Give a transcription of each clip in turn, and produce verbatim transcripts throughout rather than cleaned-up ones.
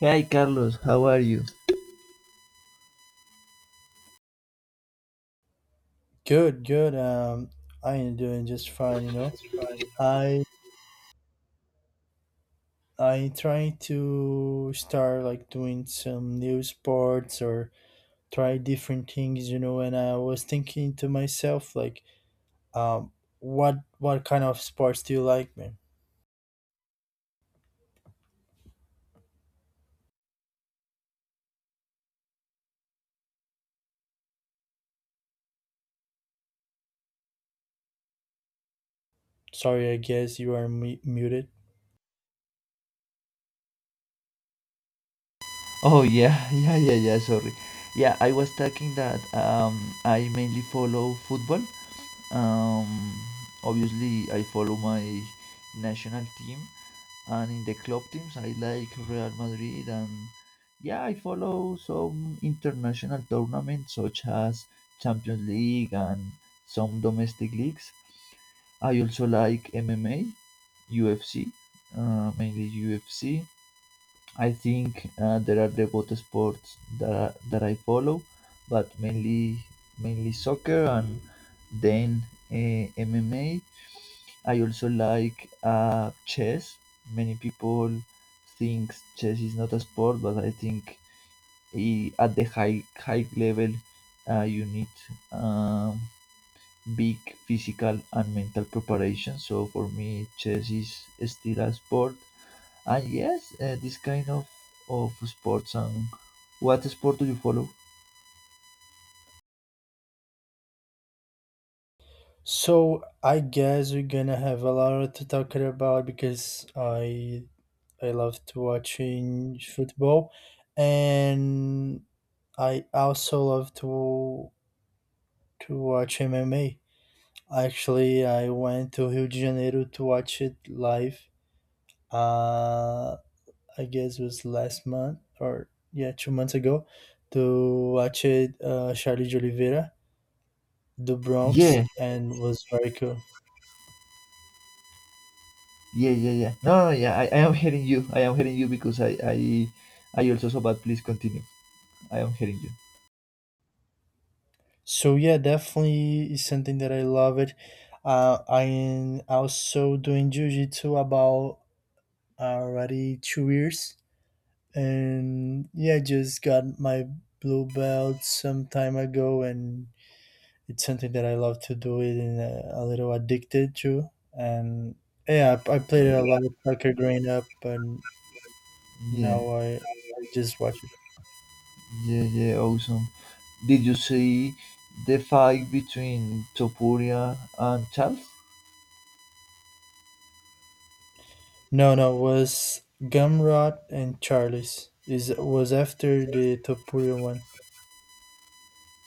Hi Carlos, how are you? Good, good. Um, I am doing just fine, you know. I I try to start like doing some new sports or try different things, you know, and I was thinking to myself like, um, what what kind of sports do you like, man? Sorry, I guess you are mu muted. Oh yeah, yeah, yeah, yeah. Sorry. Yeah, I was talking that um, I mainly follow football. Um, Obviously, I follow my national team, and in the club teams, I like Real Madrid, and yeah, I follow some international tournaments such as Champions League and some domestic leagues. I also like M M A, U F C, uh, mainly U F C. I think uh, there are the both sports that that I follow, but mainly mainly soccer and then uh, M M A. I also like uh, chess. Many people think chess is not a sport, but I think i- at the high high level, uh, you need um, big physical and mental preparation. So for me, chess is still a sport. And yes, uh, this kind of of sports, and what sport do you follow? So I guess we're gonna have a lot to talk about because I I love to watching football and I also love to to watch M M A. Actually, I went to Rio de Janeiro to watch it live. Uh, I guess it was last month or yeah, two months ago to watch it. Uh, Charlie de Oliveira, the Bronx, Yeah, and was very cool. yeah, yeah, yeah. No, no, yeah. I, I am hearing you. I am hearing you because I I I also saw. But please continue. I am hearing you. So yeah, definitely is something that I love it. Uh, I am also doing jiu-jitsu about already two years, and yeah, I just got my blue belt some time ago, and it's something that I love to do it and uh, a little addicted to. And yeah, I, I played a lot of soccer growing up, but Yeah, now I I just watch it. yeah, yeah. Awesome. Did you see the fight between Topuria and Charles? No, no, was Gumrot and Charlie's is was after the Topuria one.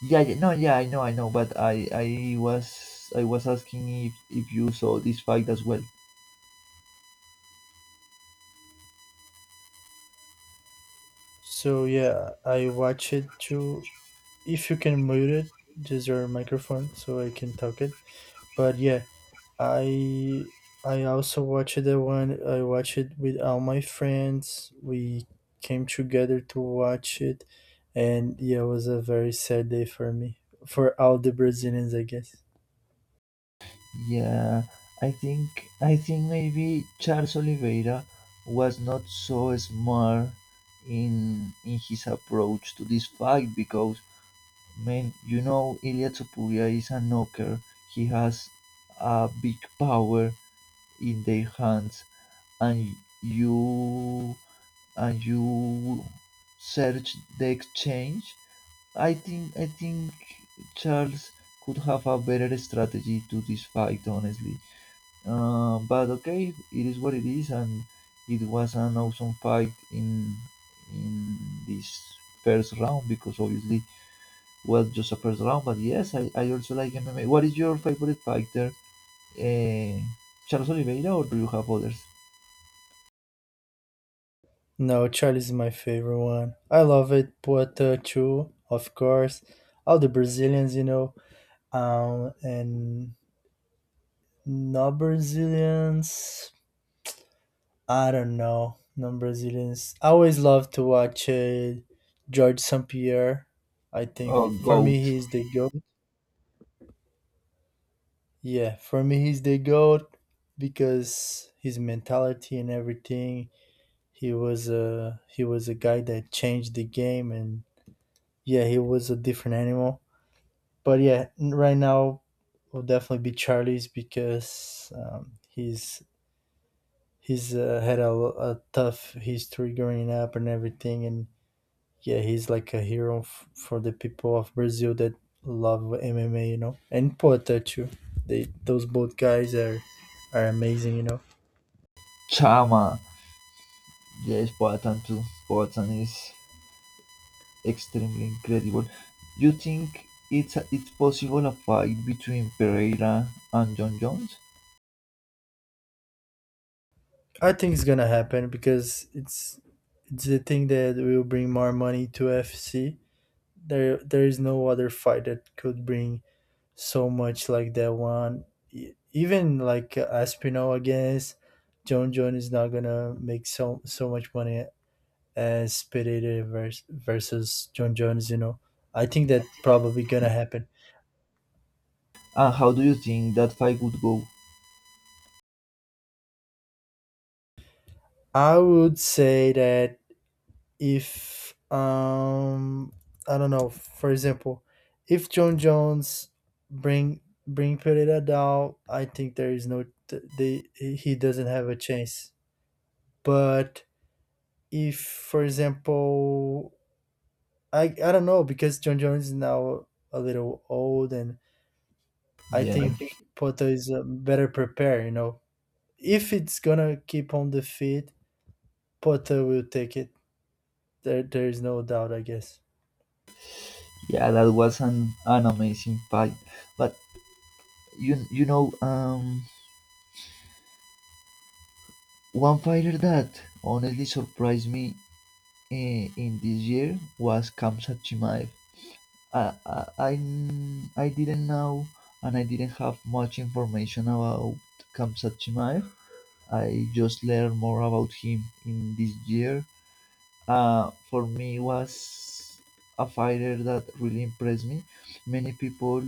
Yeah, yeah, no, yeah, I know, I know, but I, I was, I was asking if, if you saw this fight as well. So yeah, I watch it too. If you can mute it, just your microphone, so I can talk it. But yeah, I I also watched the one I watched it with all my friends. We came together to watch it, and yeah, it was a very sad day for me, for all the Brazilians, I guess. Yeah, I think I think maybe Charles Oliveira was not so smart in in his approach to this fight because man, you know Ilya Topuria is a knocker. He has a big power in their hands, and you, and you search the exchange. I think I think Charles could have a better strategy to this fight, honestly. Uh, but okay, it is what it is, and it was an awesome fight in in this first round because obviously was just a first round. But yes, I, I also like M M A. What is your favorite fighter, uh, Charles Oliveira, or do you have others? No, Charlie's my favorite one. I love it. Puerto too, of course. All the Brazilians, you know, um, and not Brazilians. I don't know, non Brazilians. I always love to watch uh, George Saint Pierre. I think Oh, for me, goat. he's the G O A T. Yeah, for me, he's the G O A T because his mentality and everything. He was a he was a guy that changed the game, and yeah, he was a different animal. But yeah, n- right now will definitely be Charlie's because um, he's he's uh, had a, a tough history growing up and everything, and yeah, he's like a hero f- for the people of Brazil that love M M A, you know, and Poeta too. They Those both guys are are amazing, you know. Chama. Yes, Poatan too. Poatan is extremely incredible. You think it's it's possible a fight between Pereira and John Jones? I think it's gonna happen because it's it's the thing that will bring more money to F C. There there is no other fight that could bring so much like that one. E- Even like Aspinall against John Jones is not gonna make so so much money as Pereira vers- versus John Jones, you know, I think that probably gonna happen. And how do you think that fight would go? I would say that if um I don't know, for example, if John Jones bring bring Pereira down, I think there is no th- they he doesn't have a chance. But if for example, I I don't know because John Jones is now a little old and I Yeah, I think think Porto is uh, better prepared, you know, if it's gonna keep on the feed, Potter will take it. There, there is no doubt. I guess. yeah, that was an, an amazing fight. But you you know, um, one fighter that honestly surprised me in, in this year was Kamsat Chimaev. I I n- I didn't know, and I didn't have much information about Kamsat Chimaev. I just learned more about him in this year. Uh, for me was a fighter that really impressed me. Many people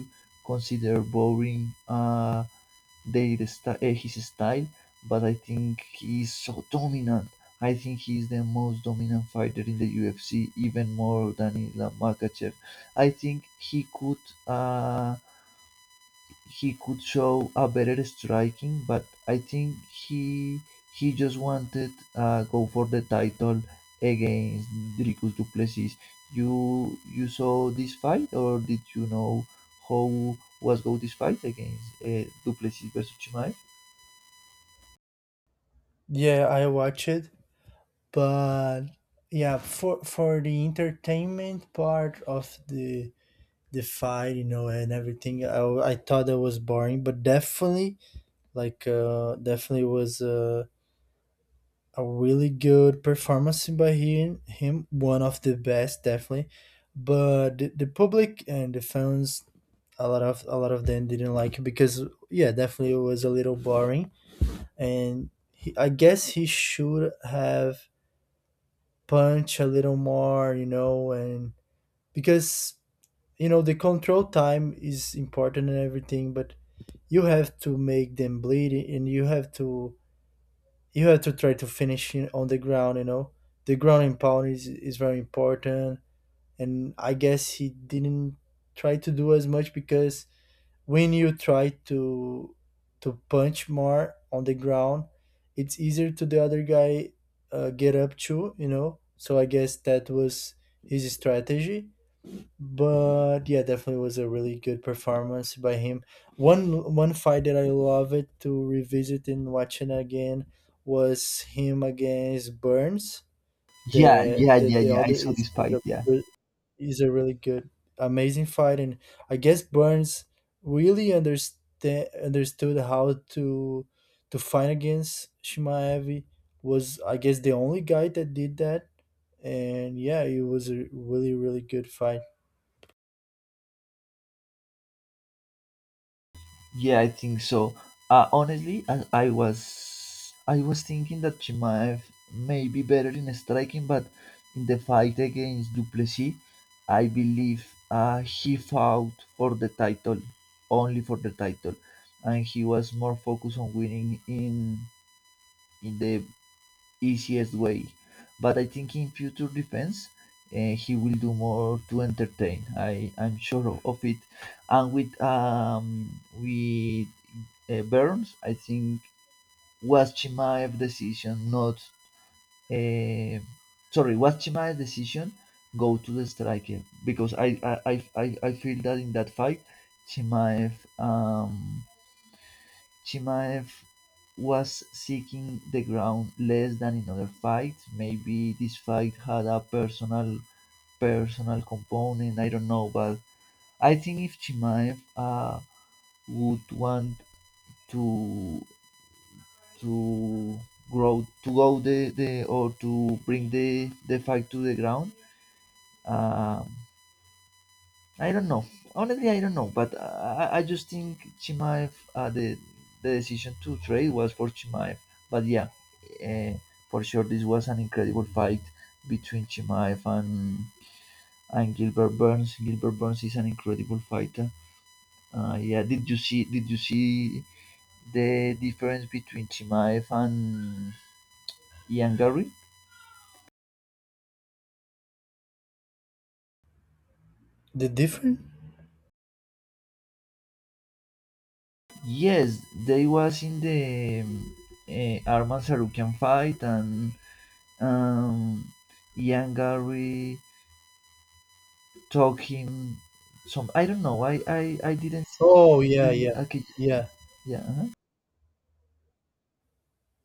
consider boring uh, their sty- eh, his style, but I think he is so dominant. I think he is the most dominant fighter in the U F C, even more than Islam Makachev. I think he could uh, he could show a better striking, but I think he he just wanted uh, go for the title against Dricus du Plessis. You you saw this fight, or did you know how was go this fight against uh, du Plessis versus Chimaev? Yeah, I watch it, but yeah, for for the entertainment part of the the fight, you know, and everything, I, w- I thought that was boring, but definitely, like, uh, definitely was a a really good performance by him. Him, one of the best, definitely. But the, the public and the fans a lot of a lot of them didn't like it because yeah definitely it was a little boring and he, I guess he should have punched a little more you know and because you know the control time is important and everything but you have to make them bleed and you have to you have to try to finish in- on the ground you know the ground and pound is, is very important and I guess he didn't try to do as much because when you try to to punch more on the ground it's easier to the other guy uh, get up too you know so I guess that was his strategy but yeah definitely was a really good performance by him. One one fight that I love it to revisit and watching again was him against burns Yeah, the yeah, the, yeah, the yeah. I other saw is, this is fight. a Yeah. he's a really good, amazing fight, and I guess Burns really understand understood how to to fight against Shimaev. Was I guess the only guy that did that, and yeah, it was a really really good fight. Yeah, I think so. Uh, honestly, I, I was I was thinking that Chimaev may be better in striking, but in the fight against Duplessis, I believe uh, he fought for the title, only for the title, and he was more focused on winning in in the easiest way. But I think in future defense, uh, he will do more to entertain. I I'm sure of, of it. And with um with uh, Burns, I think was Chimaev's decision not uh, sorry, was Chimaev's decision go to the striker because I I, I, I I feel that in that fight Chimaev um Chimaev was seeking the ground less than in other fights. Maybe this fight had a personal personal component. I don't know, but I think if Chimaev uh, would want to to grow to go the, the or to bring the the fight to the ground, um, I don't know. Honestly, I don't know, but I, I- just think Chimaev, uh, the the decision to trade was for Chimaev. But yeah, uh, for sure, this was an incredible fight between Chimaev and and Gilbert Burns. Gilbert Burns is an incredible fighter. Uh, yeah, did you see? Did you see the difference between Chimaev and Ian Gary? The different? Yes, they was in the um, uh, Arman Sarukian fight, and um, Yangari talking some. I don't know. I I I didn't see. Oh yeah, yeah, Okay. yeah, Yeah.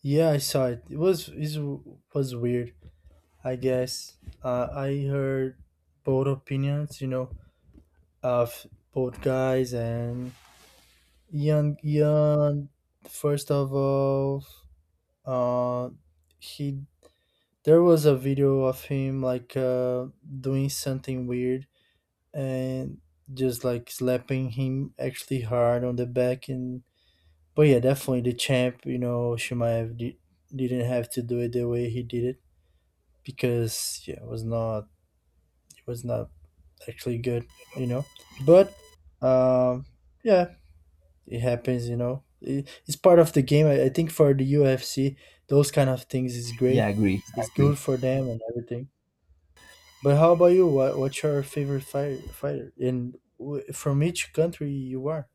yeah. I saw it. It was it was weird. I guess uh, I heard both opinions. You know, of both guys and Young, young. First of all, uh, he there was a video of him like uh, doing something weird and just like slapping him actually hard on the back. And but yeah, definitely the champ. You know, Shimaev di- didn't have to do it the way he did it because yeah, it was not it was not actually good. You know, but um, yeah, it happens you know it, it's part of the game I, I think for the ufc those kind of things is Yeah, great, agree, it's agree. good for them and everything. But how about you, what, what's your favorite fighter fighter and w- from each country you are.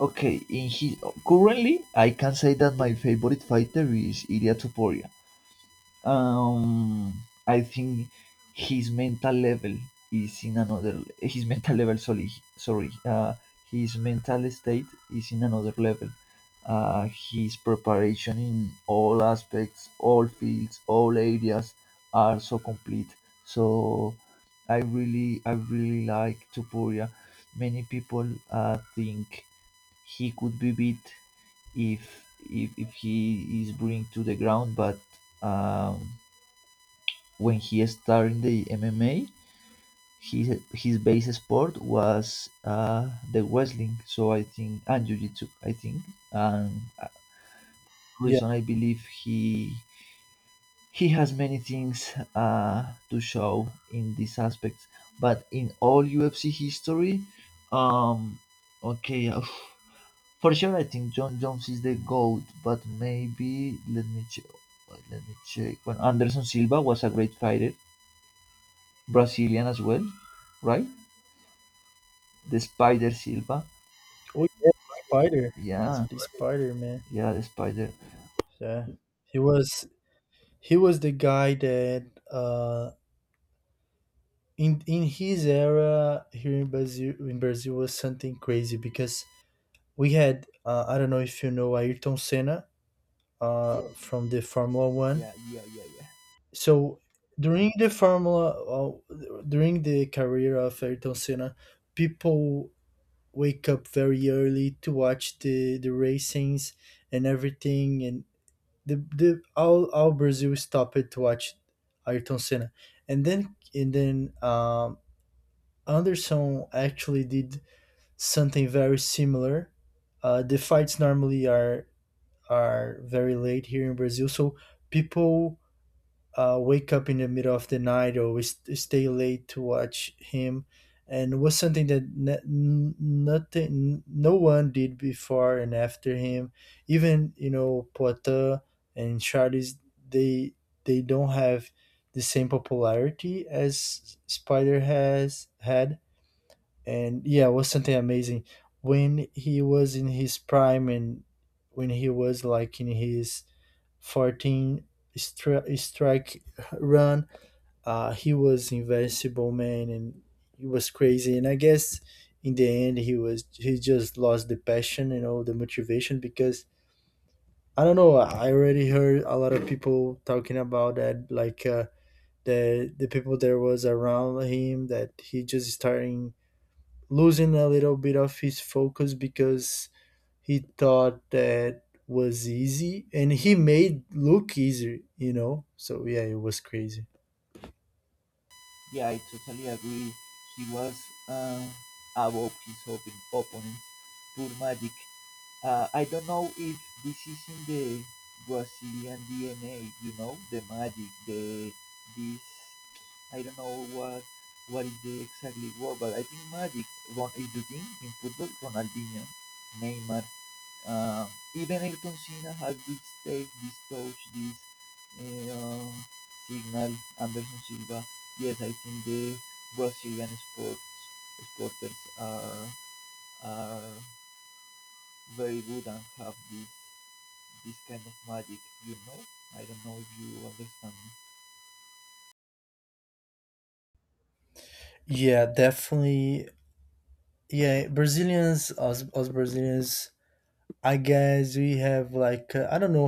Okay. In his currently, I can say that my favorite fighter is Ilya Tuporia. um I think his mental level is in another, his mental level, sorry, sorry uh his mental state is in another level. Uh his preparation in all aspects, all fields, all areas are so complete, so i really i really like Topuria. Many people uh think he could be beat if if, if he is bring to the ground. But um when he started in the M M A, his his base sport was uh, the wrestling. So I think, and jiu-jitsu. I think, and uh, Yeah, reason I believe he he has many things uh, to show in these aspects. But in all U F C history, um, okay, uh, for sure I think John Jones is the goat. But maybe let me check. Let me check. Well, Anderson Silva was a great fighter, Brazilian as well, right? The Spider Silva. oh yeah, spider, Yeah, the spider man, yeah, the Spider. yeah, he was he was the guy that uh in in his era here in brazil, in brazil was something crazy because we had uh, I don't know if you know ayrton senna, uh, Yeah, from the Formula One. yeah, yeah, yeah, yeah. So during the Formula, uh, during the career of Ayrton Senna, people wake up very early to watch the the racings and everything, and the the all all Brazil stopped to watch Ayrton Senna, and then and then um, Anderson actually did something very similar. Uh, the fights normally are are very late here in Brazil, so people uh, wake up in the middle of the night or we st- stay late to watch him, and was something that n- n- nothing no one did before and after him. Even you know Poitin and Charles, they they don't have the same popularity as Spider has had, and yeah it was something amazing when he was in his prime and when he was like in his fourteen stri- strike run. Uh, he was invincible, man, and he was crazy. And I guess in the end, he was he just lost the passion, you know, the motivation because I don't know. I already heard a lot of people talking about that, like uh, the the people that was around him that he just starting losing a little bit of his focus because he thought that was easy and he made look easy you know so yeah it was crazy. Yeah, I totally agree. He was uh, above his op- opponents. Pure magic. Uh, I don't know if this is in the Brazilian D N A. You know, the magic, the this. I don't know what what is the exactly word, but I think magic. Ron, do you think in football, Ronaldinho, Neymar, Uh, even Ayrton Senna had this take, this touch, this uh, signal. Anderson Silva. Yes, I think the Brazilian sports sporters are are very good and have this this kind of magic. You know, I don't know if you understand Yeah, definitely. Yeah, Brazilians, us, us Brazilians, I guess we have like uh, I don't know